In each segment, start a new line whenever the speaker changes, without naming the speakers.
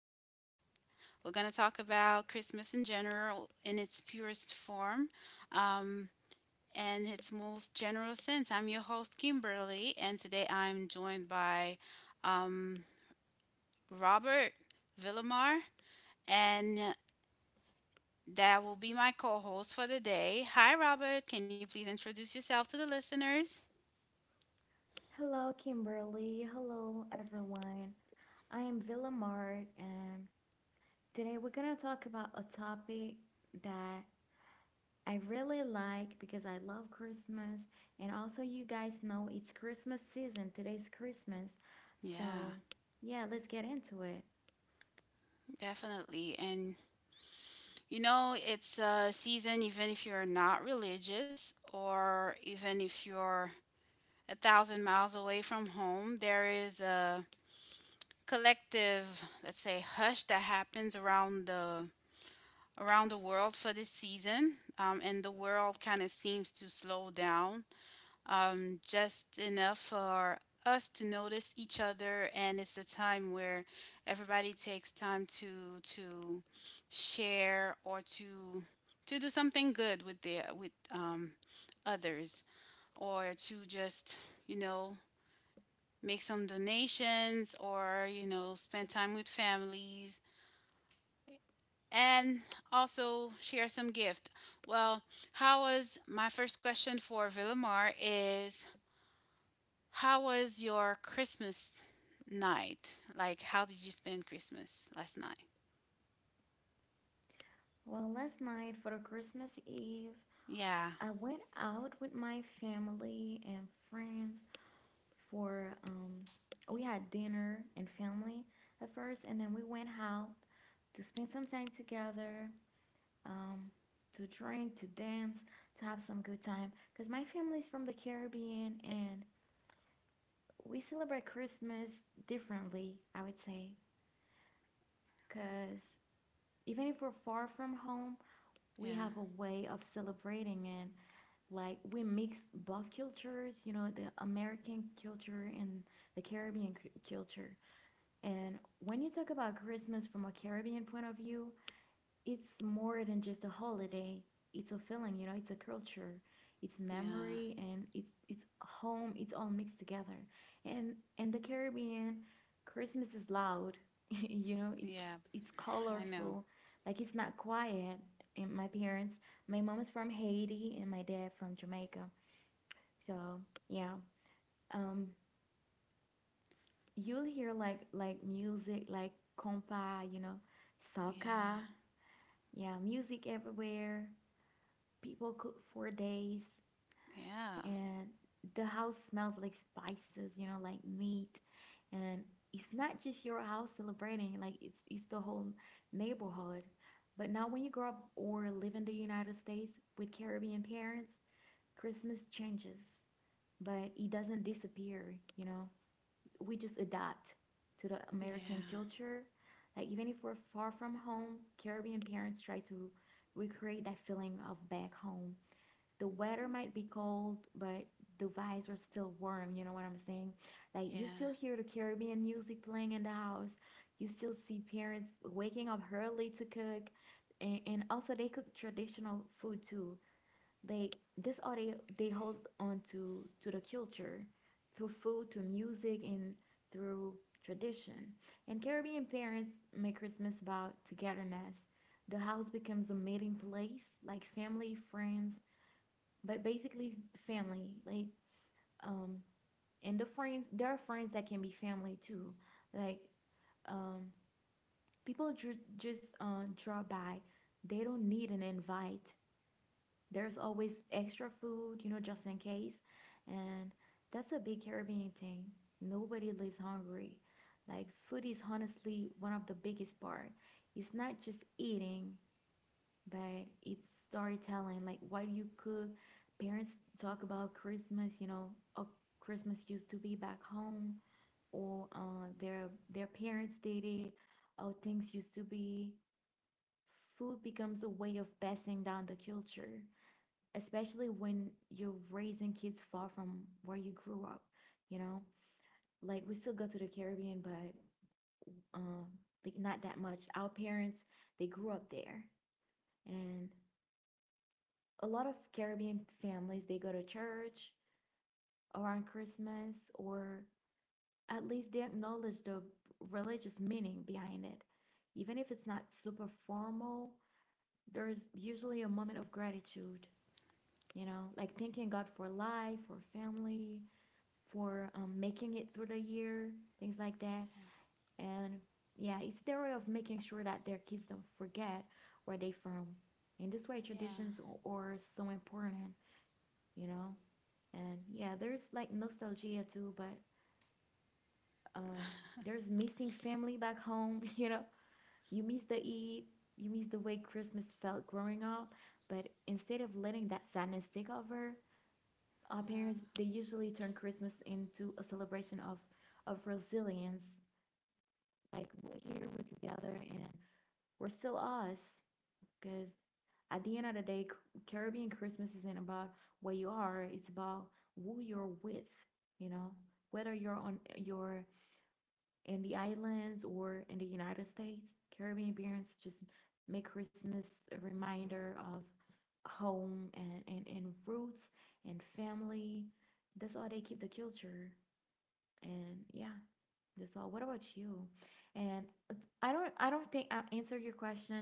Christmas. We're going to talk about Christmas in general in its purest form um, and its most general sense. I'm your host, Kimberly, and today I'm joined by um, Robert Villamar, and that will be my co host for the day. Hi, Robert. Can you please introduce yourself to the listeners?
Hello, Kimberly. Hello, everyone. I am Villamart, and today we're going to talk about a topic that I really like because I love Christmas. And also, you guys know it's Christmas season. Today's Christmas.
Yeah.
So, yeah, let's get into it.
Definitely. And it's a season, even if you're not religious or even if you're 1,000 miles away from home, there is a collective, let's say, hush that happens around the world for this season. And the world kind of seems to slow down just enough for us to notice each other, and it's a time where everybody takes time to share or to do something good with others, or to just you know make some donations or spend time with families and also share some gift. Well, how was my first question for Villamar is, how was your Christmas night? Like, how did you spend Christmas last night?
Well, last night for Christmas Eve,
Yeah,
I went out with my family and friends, for we had dinner and family at first, and then we went out to spend some time together, um to drink, to dance, to have some good time, because my family's from the Caribbean and we celebrate Christmas differently, I would say, because even if we're far from home,
yeah,
we have a way of celebrating it. Like we mix both cultures, you know, the American culture and the Caribbean culture. And when you talk about Christmas from a Caribbean point of view, it's more than just a holiday. It's a feeling, you know, it's a culture, it's
yeah,
memory, and it's home, it's all mixed together. And the Caribbean, Christmas is loud, you know, it's
yeah,
it's
I know.
colorful, like it's not quiet. And my parents, my mom is from Haiti and my dad from Jamaica. So yeah. Um you'll hear like music like compa, you know, soca.
Yeah,
Yeah, music everywhere. People cook for days,
yeah,
and the house smells like spices, you know, like meat. And it's not just your house celebrating, like it's the whole neighborhood. But now when you grow up or live in the United States with Caribbean parents, Christmas changes, but it doesn't disappear, you know. We just adapt to the American
yeah,
culture. Like even if we're far from home, Caribbean parents try to recreate that feeling of back home. The weather might be cold, but the vibes are still warm, you know what I'm saying? Like you still
yeah,
hear the Caribbean music playing in the house. You still see parents waking up early to cook, and also they cook traditional food too. They hold on to the culture, through food, to music, and through tradition. And Caribbean parents make Christmas about togetherness. The house becomes a meeting place, like family, friends, but basically family. Like, um, and the friends, there are friends that can be family too. Like, um, people just draw by. They don't need an invite. There's always extra food, you know, just in case. And that's a big Caribbean thing. Nobody lives hungry. Like food is honestly one of the biggest part. It's not just eating, but it's storytelling. Like what you cook. Parents talk about Christmas, you know, how Christmas used to be back home, or their parents did it, how things used to be. Food becomes a way of passing down the culture, especially when you're raising kids far from where you grew up, you know? Like we still go to the Caribbean, but um like not that much. Our parents, they grew up there. And a lot of Caribbean families, they go to church around Christmas, or at least they acknowledge the religious meaning behind it. Even if it's not super formal, there's usually a moment of gratitude, you know, like thanking God for life, for family, for making it through the year, things like that. And yeah, it's their way of making sure that their kids don't forget where they from. In this way,
yeah. Yeah.
traditions are so important, you know. And yeah, there's like nostalgia too, but um, there's missing family back home. You know, you miss the eat, you miss the way Christmas felt growing up. But instead of letting that sadness take over, our parents, they usually turn Christmas into a celebration of resilience. Like we're here, we're together, and we're still us. Because at the end of the day, Caribbean Christmas isn't about where you are; it's about who you're with. You know, whether you're in the islands or in the United States, Caribbean parents just make Christmas a reminder of home, and roots and family. That's how they keep the culture. And yeah, that's all. What about you? And I don't think I answered your question.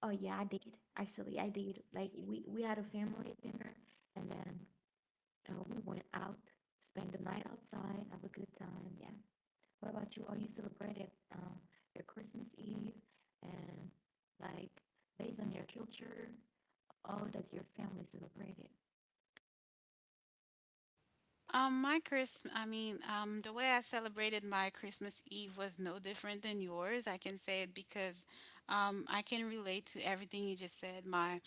Oh yeah, I did. Actually I did. Like we had a family dinner and then, we went out, spent the night outside, have a good time. Yeah. What about you? Oh, you celebrated your Christmas Eve, and like based on your culture. Oh, does your family celebrate it?
My Christmas, I mean, the way I celebrated my Christmas Eve was no different than yours. I can say it because I can relate to everything you just said.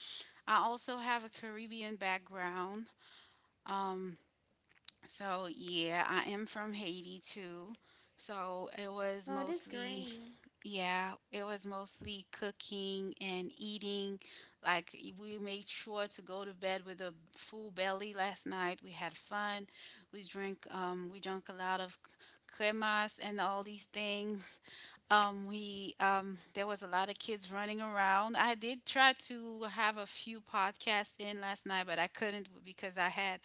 I also have a Caribbean background. Um, So yeah, I am from Haiti too. So it was
Oh, it is
mostly
great.
Yeah, it was mostly cooking and eating. Like we made sure to go to bed with a full belly last night. We had fun. We drank a lot of cremas and all these things. We There was a lot of kids running around. I did try to have a few podcasts in last night, but I couldn't because I had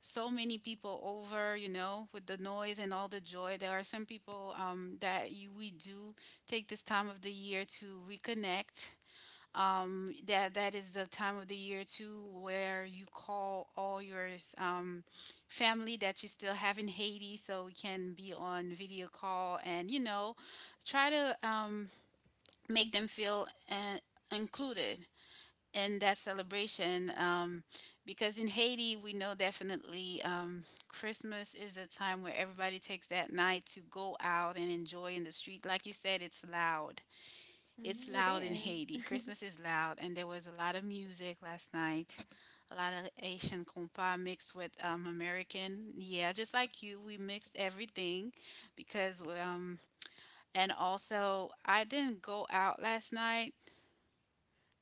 so many people over, with the noise and all the joy. There are some people that we do take this time of the year to reconnect. That is the time of the year too, where you call all your um, family that you still have in Haiti, so we can be on video call and try to make them feel uh, included and that celebration because in Haiti we know, definitely, Christmas is a time where everybody takes that night to go out and enjoy in the street. Like you said, it's loud. It's
Mhm, it
loud in
is.
Haiti. Christmas is loud, and there was a lot of music last night, a lot of Haitian compas mixed with American. Yeah, just like you, we mixed everything, because and also I didn't go out last night.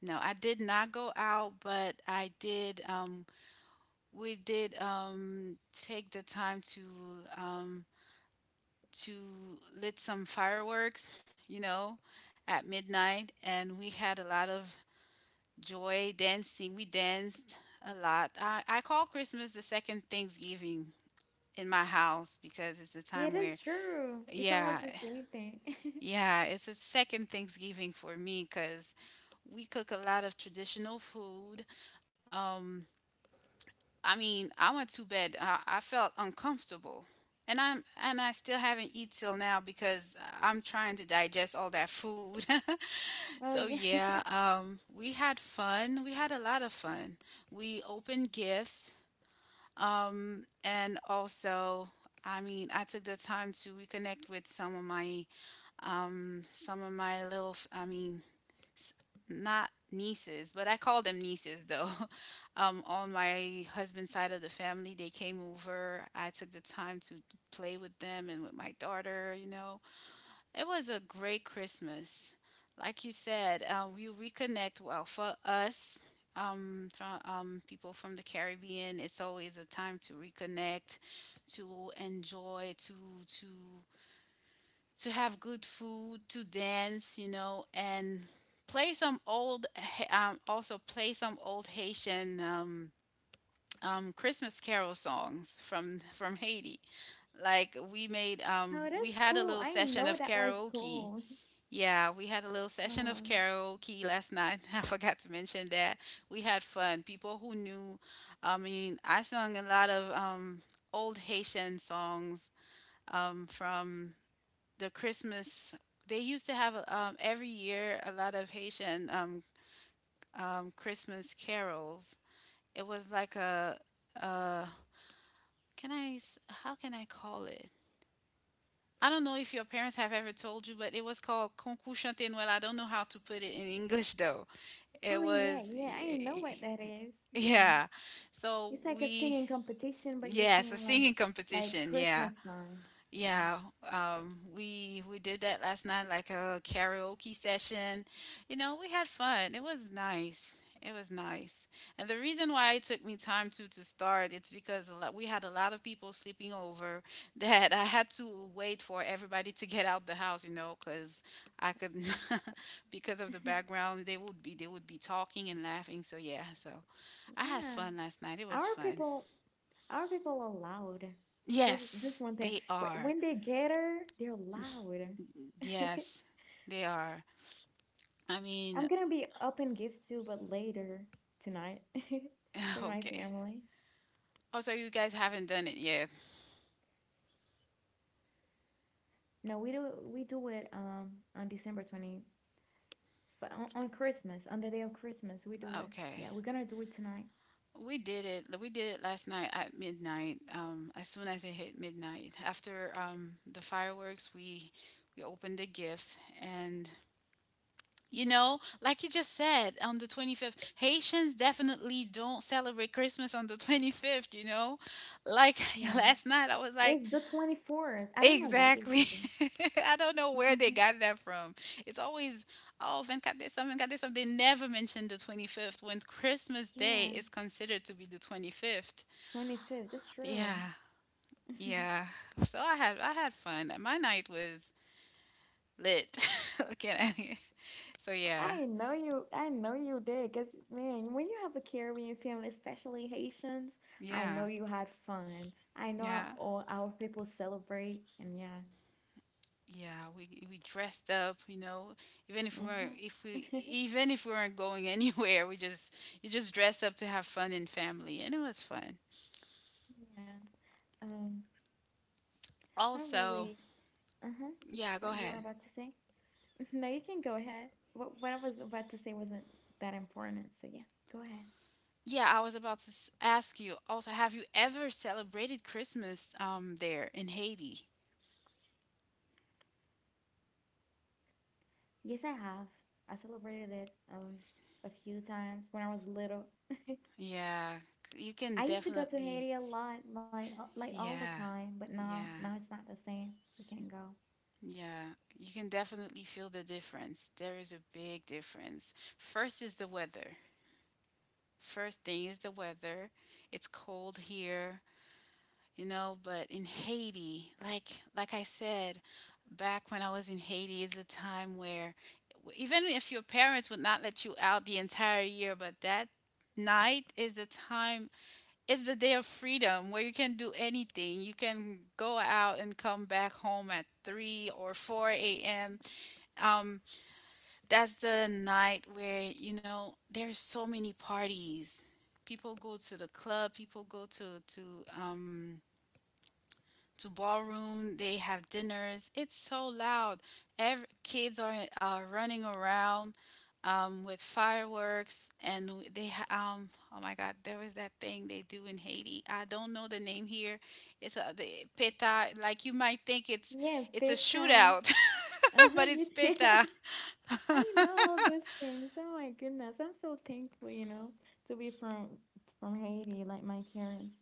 No, I did not go out, but I did. We did take the time to um, to lit some fireworks, at midnight, and we had a lot of joy dancing. We danced a lot. I call Christmas the second Thanksgiving in my house, because it's the
Yeah, it
time
is
where,
true. It's
yeah,
almost the same thing.
yeah, it's a second Thanksgiving for me, because we cook a lot of traditional food. um, I mean, I went to bed. I felt uncomfortable, and I still haven't eat till now because I'm trying to digest all that food.
Well,
So
yeah.
yeah, we had fun. We had a lot of fun. We opened gifts, and also. I mean, I took the time to reconnect with some of my, some of my little, I mean, s- not nieces, but I call them nieces though. On my husband's side of the family, they came over. I took the time to play with them and with my daughter. It was a great Christmas. Like you said, we reconnect well for us. From people from the Caribbean, it's always a time to reconnect, to enjoy, to to have good food, to dance, and play some old, Ha- also play some old Haitian Christmas carol songs from Haiti. Like
Oh,
we
that's
had a
cool.
little
I didn't
session
know
of
that was
karaoke.
cool.
Yeah, we had a little session of
Oh,
karaoke last night. I forgot to mention that we had fun. I mean, I sung a lot of old Haitian songs from the Christmas. They used to have every year a lot of Haitian Christmas carols. It was like a. how can I call it? I don't know if your parents have ever told you, but it was called Concours Chanté Noël. I don't know how to put it in English though. It
oh, yeah,
was
yeah. I didn't know
y-
what that is. Yeah,
yeah. So
it's like a
we
singing competition, but you're
Yes, a
singing like
singing
like
competition. Yeah.
Christmas songs. Yeah,
Yeah, we did that last night, like a karaoke session. We had fun. It was nice. It was nice. And the reason why it took me time to start, it's because we had a lot of people sleeping over that I had to wait for everybody to get out the house, because I could because of the
yeah,
background, they would be talking and laughing. So yeah, so I had
yeah.
fun last night. It was
Our
fun.
people, our people are loud. This
Yes,
one thing.
they
Wh-
are.
When they gather, they're loud.
Yes. They are. I
I'm
mean,
gonna be up and give too, but later tonight with my
okay.
family.
Oh, so you guys haven't done it yet.
No, we do it on December 20th, on Christmas, on the day of Christmas. We do it.
Okay.
Yeah, we're gonna do it tonight.
We did it. We did it last night at midnight. As soon as it hit midnight, after the fireworks, we opened the gifts, and like you just said, on the 25th, Haitians definitely don't celebrate Christmas on the 25th. Like
Yeah.
last night, I was
Yeah,
like,
it's the 24th. I don't know why they
exactly.
do
I don't know where
that.
they got that from. It's always, oh, Vince got this, someone got this. They never mention the 25th when Christmas Day
Yeah,
is considered to be the 25th.
25th. That's true.
Yeah, yeah. So I had fun. My night was lit. Looking at I? So yeah,
I know you did, because man, when you have a Caribbean family, especially Haitians, I
yeah,
know you had fun. I know how
yeah,
all our people celebrate, and yeah.
yeah. We dressed up. Even if we weren't, if
Mm-hmm.
we even if we weren't going anywhere, we just you just dress up to have fun in family, and it was fun.
Yeah. Um, I
Also,
really, uh-huh.
yeah,
What
go
you were
ahead.
about to say? No, you can go ahead. What I was about to say wasn't that important, so yeah, go ahead.
Yeah, I was about to ask you also, have you ever celebrated Christmas there in Haiti?
Yes, I have. I celebrated it a few times when I was little.
Yeah, you can
I used to go to
definitely,
Haiti a lot, like all the
yeah.
time, but now
Yeah.
it's not the same. We can't go.
Yeah. You can definitely feel the difference. There is a big difference. First is the weather. First thing is the weather. It's cold here. But in Haiti, like I said, back when I was in Haiti is a time where, even if your parents would not let you out the entire year, but that night is the day of freedom, where you can do anything, you can go out and come back home at 3 or 4 a.m. um, that's the night where, there's so many parties, people go to the club, people go to ballroom. They have dinners. It's so loud. Kids are running around with fireworks, and um oh my God, there was that thing they do in Haiti. I don't know the name here. It's a the peta. Like you might think it's
Yeah,
a
pita.
shootout,
Uh-huh,
but
you
it's
did.
peta.
I know all those things. Oh my goodness. I'm so thankful, you know, to be from Haiti, like my parents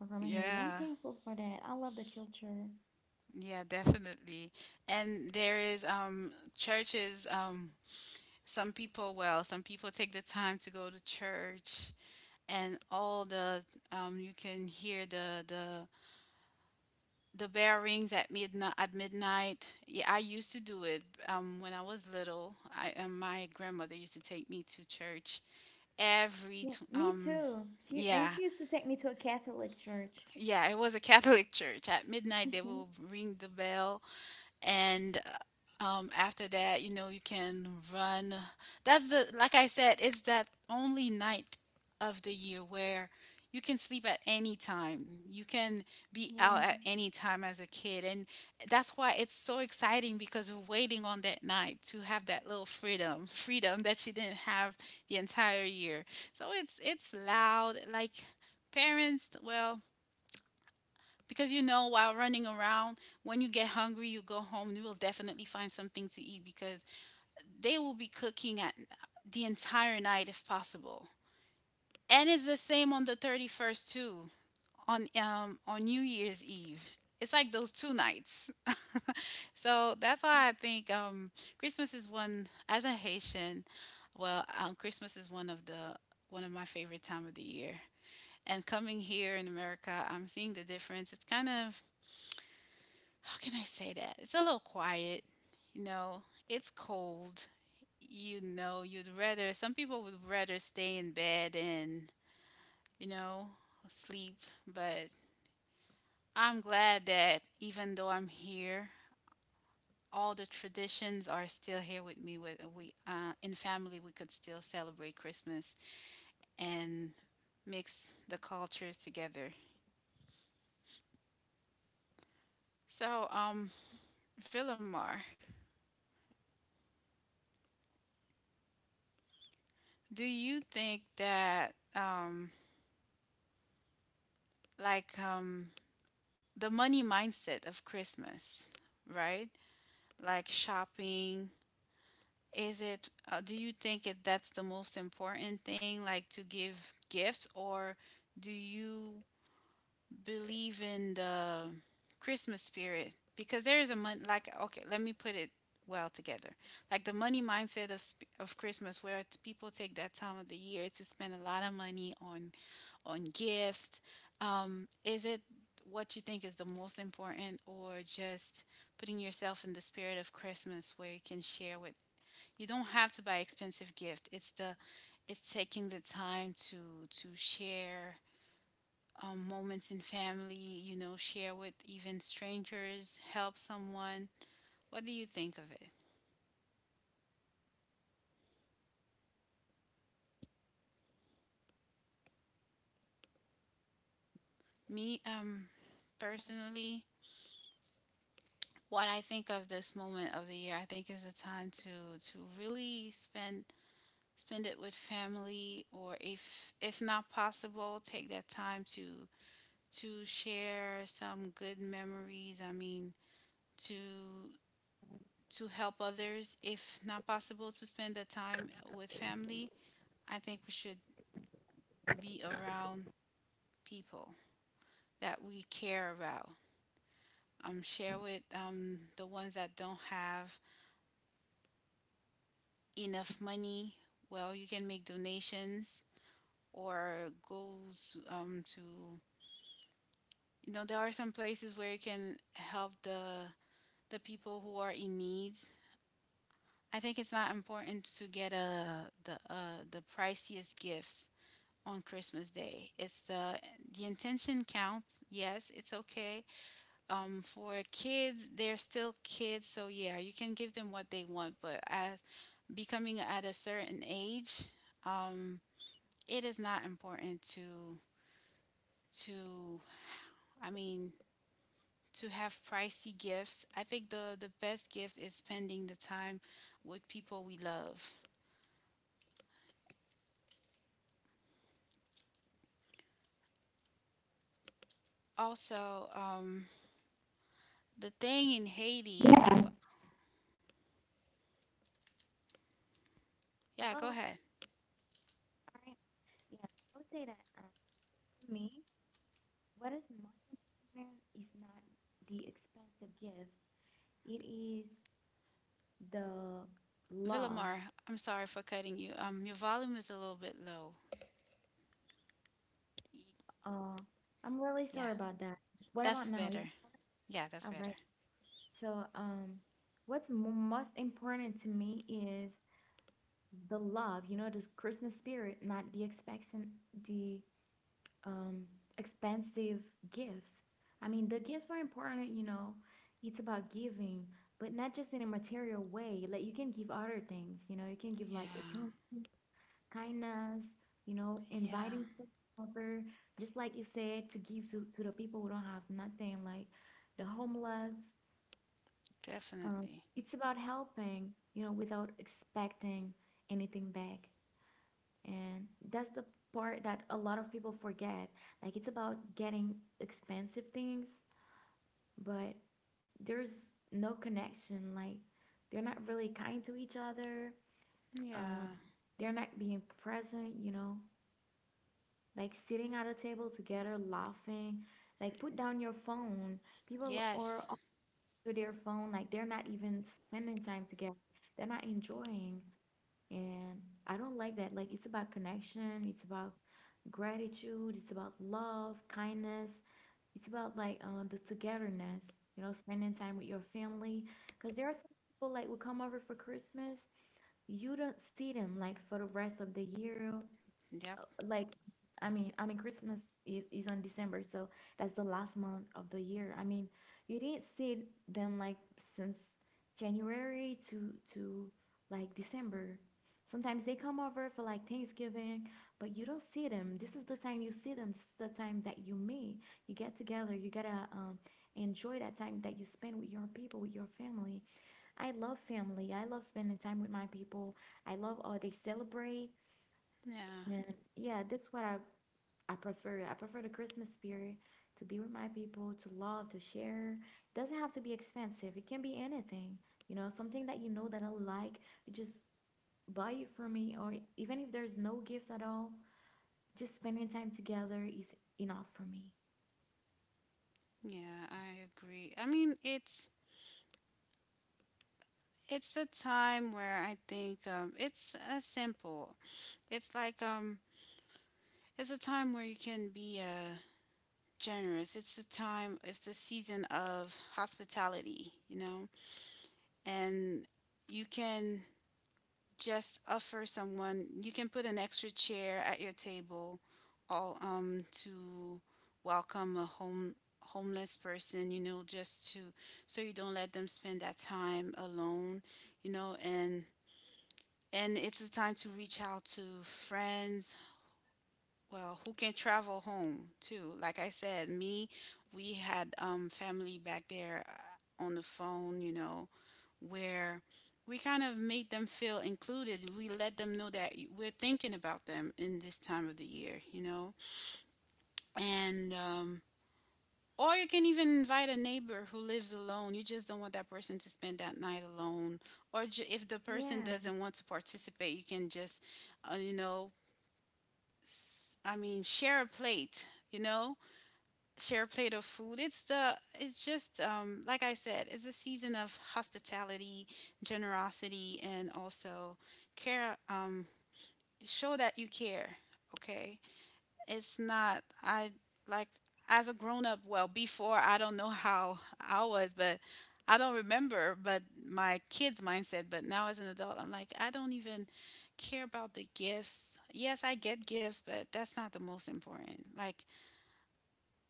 are from Haiti. I'm
Yeah,
thankful for that. I love the culture.
yeah, definitely. And there is churches. Some people take the time to go to church, and all the you can hear the bell rings at midnight. Yeah, I used to do it when I was little. I and my grandmother used to take me to church every
Yeah,
tw-
me
um
too. She and
yeah,
she used to take me to a Catholic church.
yeah, it was a Catholic church at midnight. They will ring the bell, and after that, you can run, that's the, like I said, it's that only night of the year where you can sleep at any time, you can be out
Yeah.
at any time as a kid, and that's why it's so exciting, because we're waiting on that night to have that little freedom, that you didn't have the entire year. So it's loud. Like, parents, well, because, while running around, when you get hungry, you go home, you will definitely find something to eat because they will be cooking at the entire night if possible. And it's the same on the 31st too, on New Year's Eve. It's like those two nights. So that's why I think, Christmas is one as a Haitian. Well, Christmas is one of my favorite time of the year. And coming here in America, I'm seeing the difference. It's kind of How can I say that? It's a little quiet, it's cold. You know, you'd rather, some people would rather stay in bed and, you know, sleep. But I'm glad that even though I'm here, all the traditions are still here with me. With we in family, we could still celebrate Christmas and mix the cultures together. So, um, Villamar, do you think that, like, um, the money mindset of Christmas, right? Like shopping. Is it, do you think that's the most important thing, like to give gifts, or do you believe in the Christmas spirit? Because there is a month, like, okay, let me put it well together. Like the money mindset of Christmas, where people take that time of the year to spend a lot of money on gifts? Is it what you think is the most important, or just putting yourself in the spirit of Christmas where you can share with? You don't have to buy expensive gift. It's the it's taking the time to share moments in family. You know, share with even strangers, help someone. What do you think of it? Me, um, personally, what I think of this moment of the year, I think is a time to really spend spend it with family, or if not possible, take that time to share some good memories. To help others if not possible to spend the time with family. I think we should be around people that we care about. Share with the ones that don't have enough money. Well, you can make donations or go to, you know, there are some places where you can help the people who are in need. I think it's not important to get a the priciest gifts on Christmas Day. It's the intention counts. Yes, it's okay. For kids they're still kids, so yeah, you can give them what they want, but as becoming at a certain age, um it is not important to to i mean to have pricey gifts. I think the best gift is spending the time with people we love. Also, um, the thing in Haiti.
Yeah.
Yeah, go
Hello.
ahead,
All right. Yeah, I would say that, to me, what is most important is not the expensive gifts, it is the love.
Villamar. I'm sorry for cutting you. Your volume is a little bit low.
Uh, I'm really sorry
Yeah,
about that. What about
that's
now? Is it
better. Yeah, that's
all right?
better.
So, what's mo most important to me is the love, you know, the Christmas spirit, not the expectation, the um, expensive gifts. I mean, the gifts are important, you know, it's about giving, but not just in a material way. Like, you can give other things, you know, you can give like
Yeah,
attention, kindness, you know,
yeah,
inviting someone over, just like you said, to give to the people who don't have nothing, like the homeless. Um,
definitely.
it's about helping, you know, without expecting anything back. And that's the part that a lot of people forget. Like it's about getting expensive things, but there's no connection. Like they're not really kind to each other.
Yeah.
Um, they're not being present, you know, like sitting at a table together, laughing. Like put down your phone. People
Yes.
are off to their phone, like they're not even spending time together. They're not enjoying. And I don't like that. Like, it's about connection, it's about gratitude, it's about love, kindness, it's about like, the togetherness, you know, spending time with your family. Because there are some people like will come over for Christmas, you don't see them like for the rest of the year.
Yep.
Like, I mean, Christmas is on December, so that's the last month of the year. I mean, you didn't see them like since January to like December. Sometimes they come over for like Thanksgiving, but you don't see them. This is the time you see them. This is the time that you meet. You get together. You gotta, enjoy that time that you spend with your people, with your family. I love family. I love spending time with my people. I love all they celebrate.
Yeah.
And yeah, that's what I prefer. I prefer the Christmas spirit to be with my people, to love, to share. It doesn't have to be expensive. It can be anything. You know, something that you know that I like, just buy it for me, or even if there's no gift at all, just spending time together is enough for me.
Yeah, I agree. I mean, it's it's a time where I think it's a simple. It's like it's a time where you can be generous. It's a time. It's a season of hospitality, you know, and you can just offer someone. You can put an extra chair at your table, all to welcome a homeless person. You know, just to so you don't let them spend that time alone. You know, and it's a time to reach out to friends, well, who can travel home too. Like I said, me, we had family back there on the phone, you know, where we kind of made them feel included. We let them know that we're thinking about them in this time of the year, you know. And, um, or you can even invite a neighbor who lives alone. You just don't want that person to spend that night alone. Or if the person
Yeah.
doesn't want to participate, you can just, you know, I mean, share a plate, you know, share a plate of food. It's just, like I said, it's a season of hospitality, generosity, and also care. Show that you care, okay? it's not I Like, as a grown up, well, before I don't know how I was, but I don't remember, but my kids mindset. But now as an adult I'm like, I don't even care about the gifts. Yes, I get gifts, but that's not the most important. Like,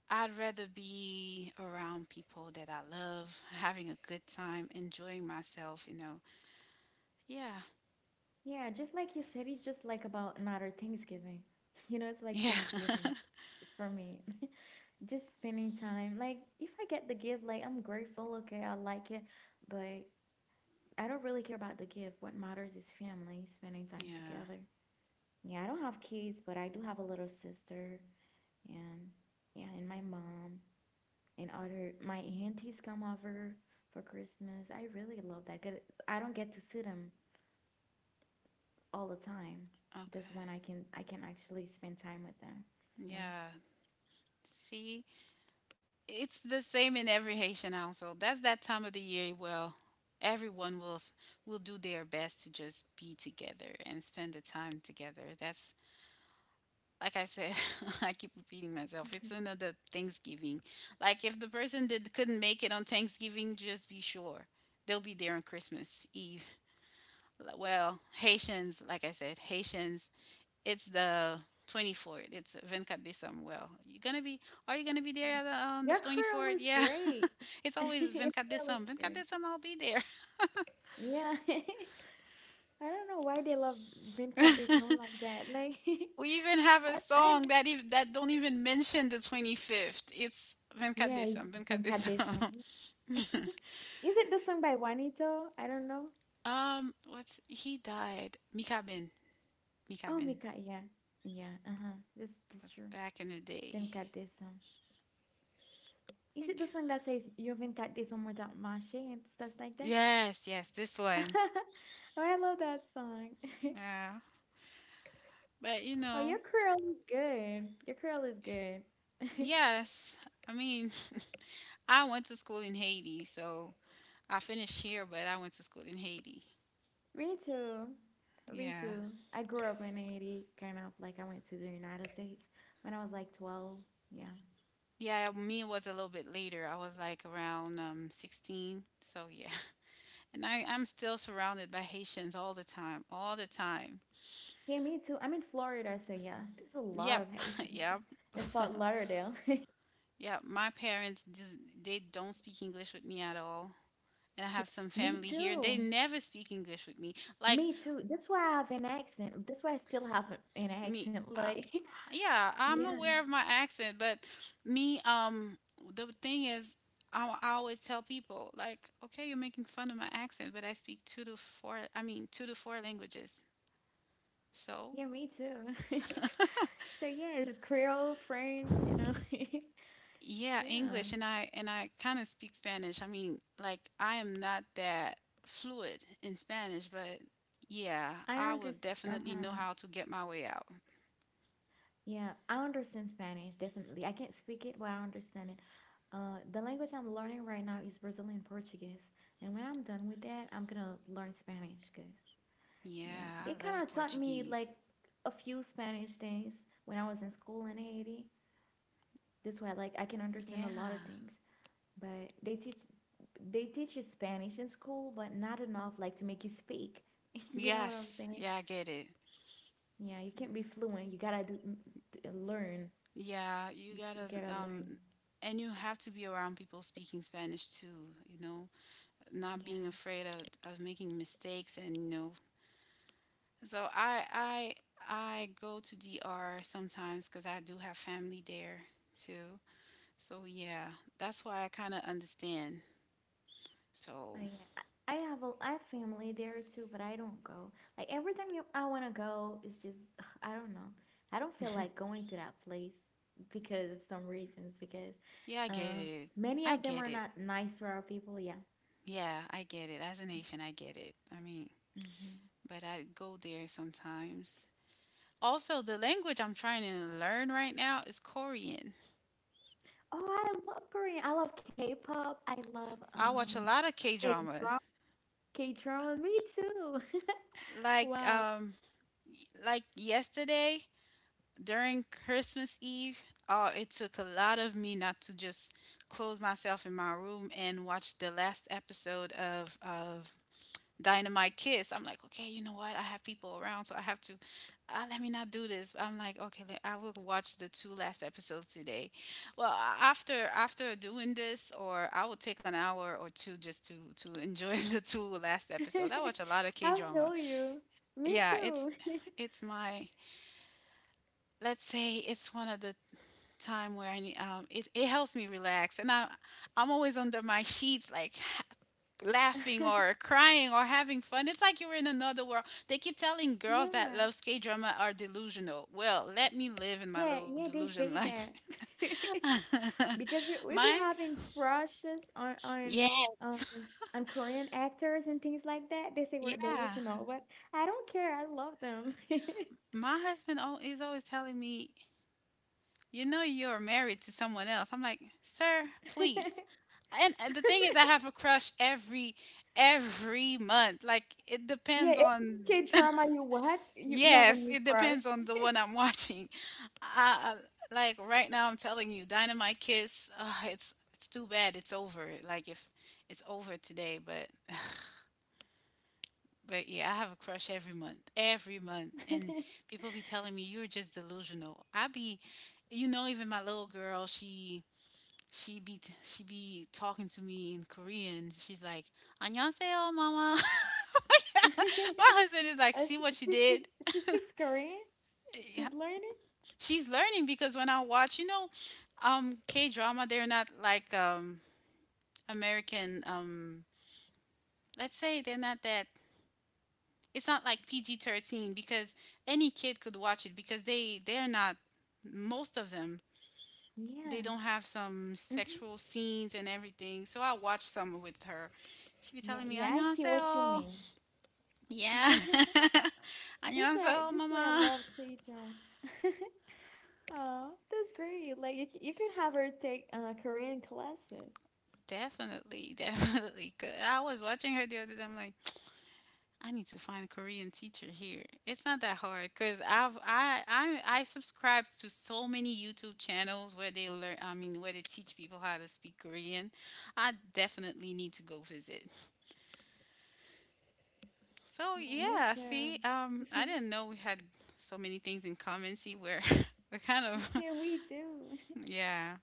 I'd rather be around people that I love, having a good time, enjoying myself, you know. Yeah.
Yeah, just like you said, it's just like about another Thanksgiving. You know, it's like
Yeah.
Thanksgiving for me. Just spending time. Like, if I get the gift, like, I'm grateful. Okay, I like it. But I don't really care about the gift. What matters is family, spending time
Yeah.
together. Yeah, I don't have kids, but I do have a little sister. And yeah, and my mom and my aunties come over for Christmas. I really love that, 'cause I don't get to see them all the time. That's when I
Okay.
can I can actually spend time with them. Yeah.
Yeah. See, it's the same in every Haitian household. That's that time of the year where everyone will do their best to just be together and spend the time together. That's like I said, I keep repeating myself. It's another Thanksgiving. Like if the person that couldn't make it on Thanksgiving, just be sure they'll be there on Christmas Eve. Well, Haitians, like I said, Haitians, it's the 24th. It's Venkat de Samuel. You gonna be? Are you gonna be there
Yeah.
on on the
Your curl
24th?
is
Yeah.
great.
It's always
Your
Venkat de
curl is
Sam. Venkat de
good.
Sam, I'll be there.
Yeah. I, don't know why they love Venkat song like that. Like
We even have a
I
song that that don't even mention the 25th. It's Venkat
yeah,
de Sam.
it's
Venkat de
Venkat
Sam.
song. Yeah. Is it the song by Juanito? I don't know.
What's he died? Mikabin.
Oh,
Mikabin. It
Mika, yeah. Yeah, uh-huh. This
was
true.
back in the day.
Venkat song. Is it the
Like,
song that says you're Venkat song without Mache and stuff like that?
yes, yes, this one.
Oh, I love that song.
Yeah. But you
Oh,
know,
your curl is good. Your curl is good.
yes. I mean, I went to school in Haiti, so I finished here, but I went to school in Haiti.
Me too. Me
Yeah.
too. I grew up in Haiti, kind of like I went to the United States when I was like 12. Yeah.
Yeah, me was a little bit later. I was like around 16. So, yeah. And I'm still surrounded by Haitians all the time, all the time.
Yeah, me too. I'm in Florida, so yeah, there's a lot
Yep.
of Haitians
Yep.
in Fort Lauderdale.
Yep. My parents, they don't speak English with me at all. And I have some
Me
family here. They
too.
never speak English with me. Like,
Me too. That's why I have an accent. That's why I still have an
me
accent.
uh,
Like,
yeah, I'm
yeah,
aware of my accent, but me the thing is, I always tell people like, okay, you're making fun of my accent, but I speak two to four, I mean, two to four languages.
yeah,
So
me too. So yeah, the Creole, French,
yeah,
yeah.
English, and I kind of speak Spanish. I mean, like, I am not that fluid in Spanish, but yeah,
I
I will
understand.
definitely know
Uh-huh.
how to get my way out.
Yeah, I understand Spanish definitely. I can't speak it, but I understand it. The language I'm learning right now is Brazilian Portuguese, and when I'm done with that, I'm gonna learn Spanish. Cause yeah,
Yeah,
they
I
kind
love
of taught me
Portuguese.
like a few Spanish things when I was in school in Haiti. This way, like I can understand a lot of
Yeah.
things. But they teach you Spanish in school, but not enough like to make you speak. You know what I'm
Yes.
saying?
Yeah, I get it.
Yeah, you can't be fluent. You gotta do, learn.
Yeah, you
You
gotta
gotta
um
learn.
and you have to be around people speaking Spanish too, you know, not being
Yeah.
afraid of making mistakes and you know. So I go to DR sometimes, cuz I do have family there too. So yeah, that's why I kind of understand. So
Oh yeah. I have a I have family there too, but I don't go. Like every time I wanna go, it's just I don't know. I don't feel like going to that place because of some reasons. Because
yeah, I get
uh,
it. I
many of
get
them are
it.
not nice to our people. Yeah.
Yeah, I get it. As a nation, I get it. I mean,
hmm
but I go there sometimes. Also, the language I'm trying to learn right now is Korean.
Oh, I love Korean. I love K-pop. I love
I watch a lot of K
K-drama.
dramas.
K-drama. Me too.
Like
Wow.
um like yesterday during Christmas Eve, oh, it took a lot of me not to just close myself in my room and watch the last episode of Dynamite Kiss. I'm like, okay, you know what? I have people around, so I have to. Let me not do this. I'm like, okay, I will watch the two last episodes today. Well, after doing this, or I will take an hour or two just to enjoy the two last episodes. I watch a lot of K
I
drama.
feel you. Me
Yeah, it's
too.
my, let's say it's one of the time where I need it, it helps me relax, and I'm always under my sheets like laughing or crying or having fun. It's like you're in another world. They keep telling girls that
Yeah.
love skate drama are delusional. Well, let me live in my
Yeah,
little
yeah, they
delusion
say
life.
that. Because we we be
my
having crushes on
Yes.
on Korean actors and things like that. They say we're
Yeah.
delusional, but I don't care. I love them.
My husband is always telling me, you know you're married to someone else. I'm like, "Sir, please." And the thing is I have a crush every month. Like it
Yeah,
depends
every
on.
K-drama you watch, you have a
Yes,
new
it
crush.
depends on the one I'm watching. Uh, like right now, I'm telling you, Dynamite Kiss. It's too bad. It's over. Like if it's over today, but yeah, I have a crush every month, and people be telling me you're just delusional. I be, you know, even my little girl, she be talking to me in Korean. She's like, "안녕하세요, mama." My husband is like,
Uh,
"See
she,
what you
she speaks
did."
she speaks Korean. She's learning.
She's learning because when I watch, you know, K drama, they're not like American. Let's say they're not that. It's not like PG-13 because any kid could watch it because they they're not most of them. They
Yeah.
don't have some
hmm
sexual scenes and everything. So I watched some with her. She be
Yeah,
telling me
yeah, I see what you
안녕하세요.
mean.
Yeah.
That's why
안녕하세요,
that's why I
mama.
love K-drama. Oh, that's great. Like you can have her take Korean classes.
Definitely, definitely. 'Cause I was watching her the other day. I'm like, I need to find a Korean teacher here. It's not that hard because I've I subscribe to so many YouTube channels where they learn. I mean, where they teach people how to speak Korean. I definitely need to go visit. So
Yeah, me
yeah, see,
too.
I didn't know we had so many things in common. See, we're we're kind of
Yeah, we do.
yeah.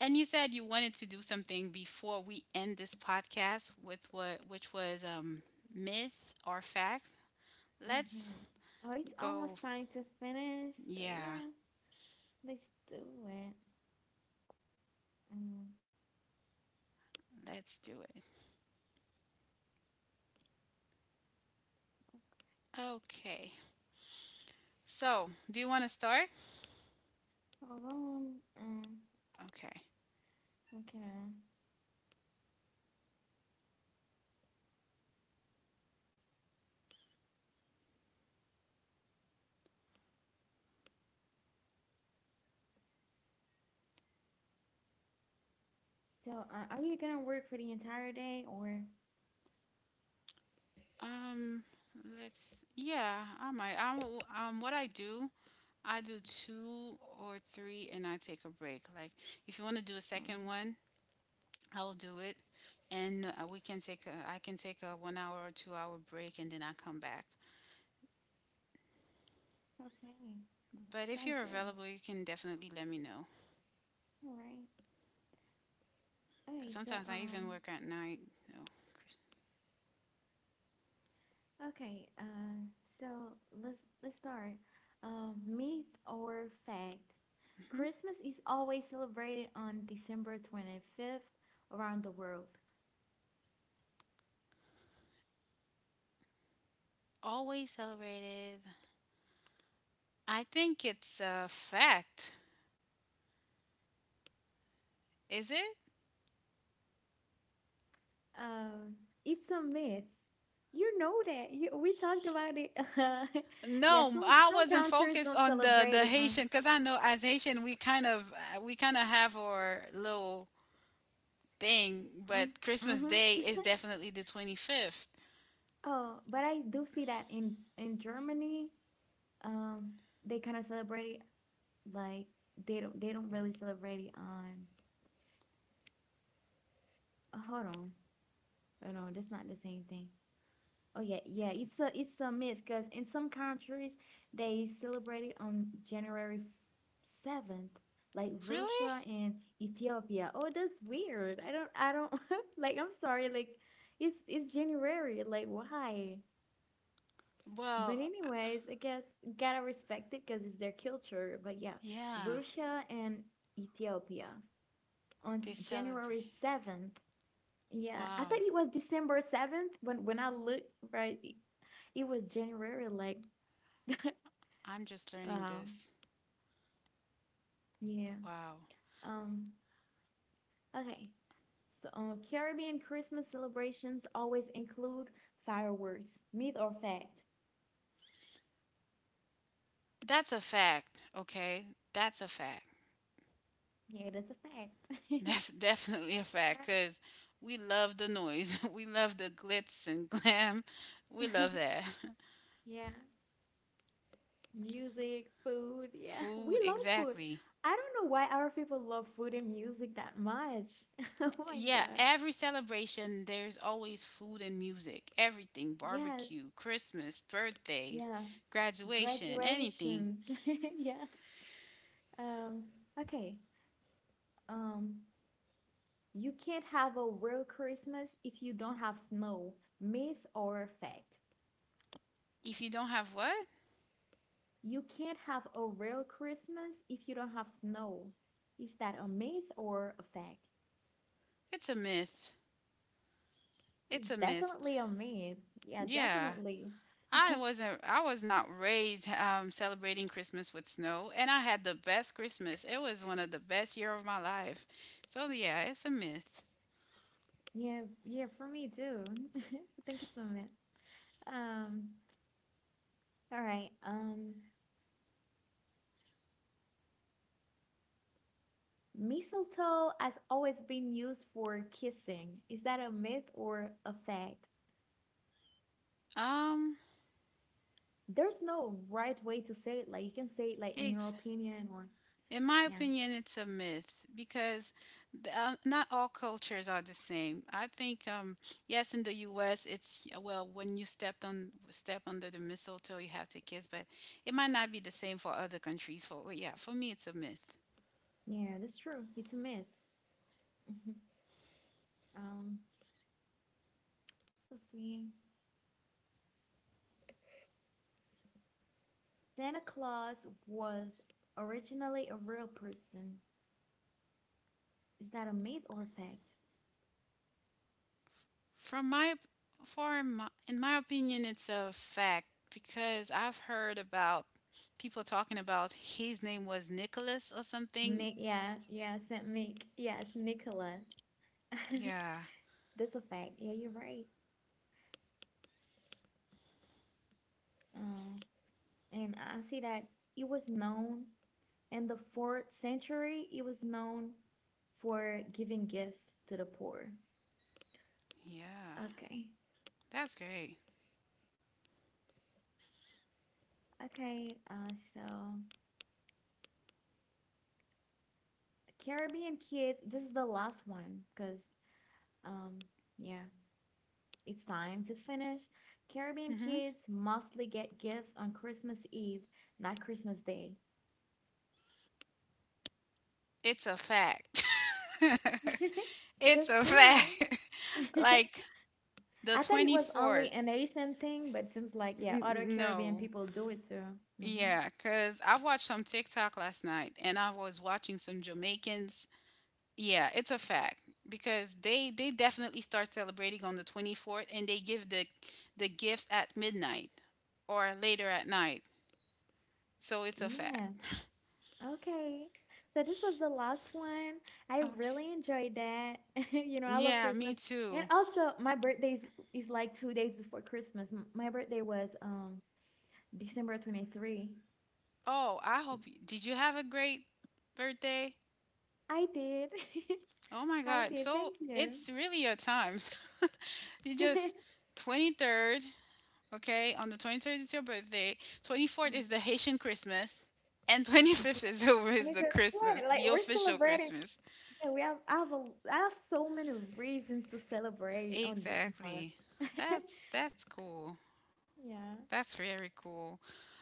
And you said you wanted to do something before we end this podcast with what, which was myth or fact.
hmm
Let's
Oh, it's
go.
almost time to finish. So
Yeah.
yeah, let's do it. Um,
Let's do it. Okay. So, do you want to start?
Hold on. Um,
Okay.
mm, okay. uh, So, are you gonna work for the entire day or?
Um, let's. Yeah, I might. What I do two or three, and I take a break. Like, if you want to do a
Uh,
second one, I'll do it, and we can take. I can take a 1 hour or 2 hour break, and then I come back.
okay.
But if
Sounds
you're
good.
available, you can definitely let me know.
All right.
Cause
Okay. So,
sometimes I even work at night. You know.
okay. Um, so let's start. Myth or fact? Christmas is always celebrated on December 25th around the world.
Always celebrated. I think it's a fact. Is it?
Um, it's a myth. You know that. We talked about it. Yeah,
No, I
some
wasn't
countries
focused
don't
on
celebrate
the
it.
Haitian because I know as Haitian we kind of have our little thing, but Christmas Day
Mm-hmm.
is definitely the 25th.
Oh, but I do see that in Germany, um, they kind of celebrate it like they don't really celebrate it on. Oh, hold on, hold on, that's not the same thing. Oh yeah, yeah. It's a myth because in some countries they celebrate it on January 7th, like
Really?
Russia and Ethiopia. Oh, that's weird. I don't like. I'm sorry. Like, it's January. Like, why? But
Well,
anyways, I guess gotta respect it because it's their culture. But yeah,
yeah,
Russia and Ethiopia on
they celebrate.
January 7th. Yeah, I thought
Wow,
it was December 7th when I looked right it was January, like,
I'm just learning
uh,
this.
yeah.
Wow.
Um, okay. So, Caribbean Christmas celebrations always include fireworks, myth or fact?
That's a fact, okay? That's a fact.
Yeah, that's a fact.
That's definitely a fact because we love the noise. We love the glitz and glam. We
Right.
love that.
Yeah. Music, food. Yeah, we
Food,
love food.
exactly.
I don't know why our people love food and music that much. Oh my
Yeah,
God.
every celebration, there's always food and music. Everything
Yes.
barbecue, Christmas, birthdays,
Yeah.
graduation, anything.
Graduations. Yeah. Um, okay. Um, You can't have a real Christmas if you don't have snow, myth or fact.
If you don't have what?
You can't have a real Christmas if you don't have snow. Is that a myth or a fact?
It's a myth. It's a myth.
Definitely a myth. Yeah,
Yeah.
definitely.
I was not raised celebrating Christmas with snow, and I had the best Christmas. It was one of the best year of my life. So yeah, it's a myth.
Yeah, yeah, for me too. I think it's a myth. Um, all right. Mistletoe has always been used for kissing. Is that a myth or a fact?
Um,
There's no right way to say it. Like you can say it like in your
ex-
opinion or
in my
yeah.
opinion it's a myth because not all cultures are the same. I think yes, in the US it's, well, when you step under the mistletoe you have to kiss, but it might not be the same for other countries. For yeah, for me it's a myth.
Yeah, that's true. It's a myth. Mhm. Um, let's see. Santa Claus was originally a real person. Is that a myth or a fact?
From my for my, in my opinion, it's a fact because I've heard about people talking about his name was Nicholas or something.
Nick, yeah, yeah, Saint Nick. Yes, Nicholas.
Yeah,
That's a fact. Yeah, you're right. Um, and I see that it was known in the fourth century, it was known for giving gifts to the poor.
yeah,
Okay.
that's great.
Okay, so Caribbean Kids, this is the last one because, um, yeah, it's time to finish. Caribbean
Hmm.
kids mostly get gifts on Christmas Eve, not Christmas Day.
It's a fact. It's
That's
a
true.
fact. Like the
I thought it
twenty
was only
fourth.
an Asian thing, but it seems like, yeah, other
N-
Caribbean
no.
people do it too. Hmm
Yeah, cause I watched some TikTok last night, and I was watching some Jamaicans. Yeah, it's a fact because they definitely start celebrating on the 24th and they give the gifts at midnight or later at night. So it's a fact.
Yeah. Okay. So this was the last one. I
Okay.
really enjoyed that. You know, I love
Yeah, me
Christmas. And
too.
also is like 2 days before Christmas. My birthday was December 23rd.
Oh, I hope you, did you have a great birthday?
I did.
Oh my
I
god.
did.
So
Thank you.
it's really your time. So you just 23rd, okay? On the 23rd is your birthday. 24th
Yeah.
is the Haitian Christmas. And
Yeah,
25th is over
And
is
it
the Christmas,
Like
the
we're
official
celebrating.
Christmas.
Yeah, we have I have a I have so many reasons to celebrate on this
Exactly.
month.
That's cool.
Yeah.
That's very cool.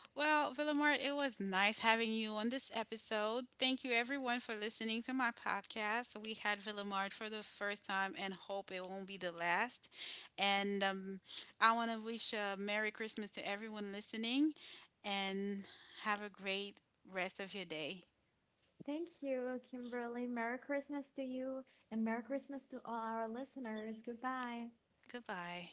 Well, Villamart, it was nice having you on this episode. Thank you everyone for listening to my podcast. We had Villamart for the first time and hope it won't be the last. And I want to wish a Merry Christmas to everyone listening and have a great rest of your day.
Thank you, Kimberly. Merry Christmas to you and Merry Christmas to all our listeners. Goodbye.
Goodbye.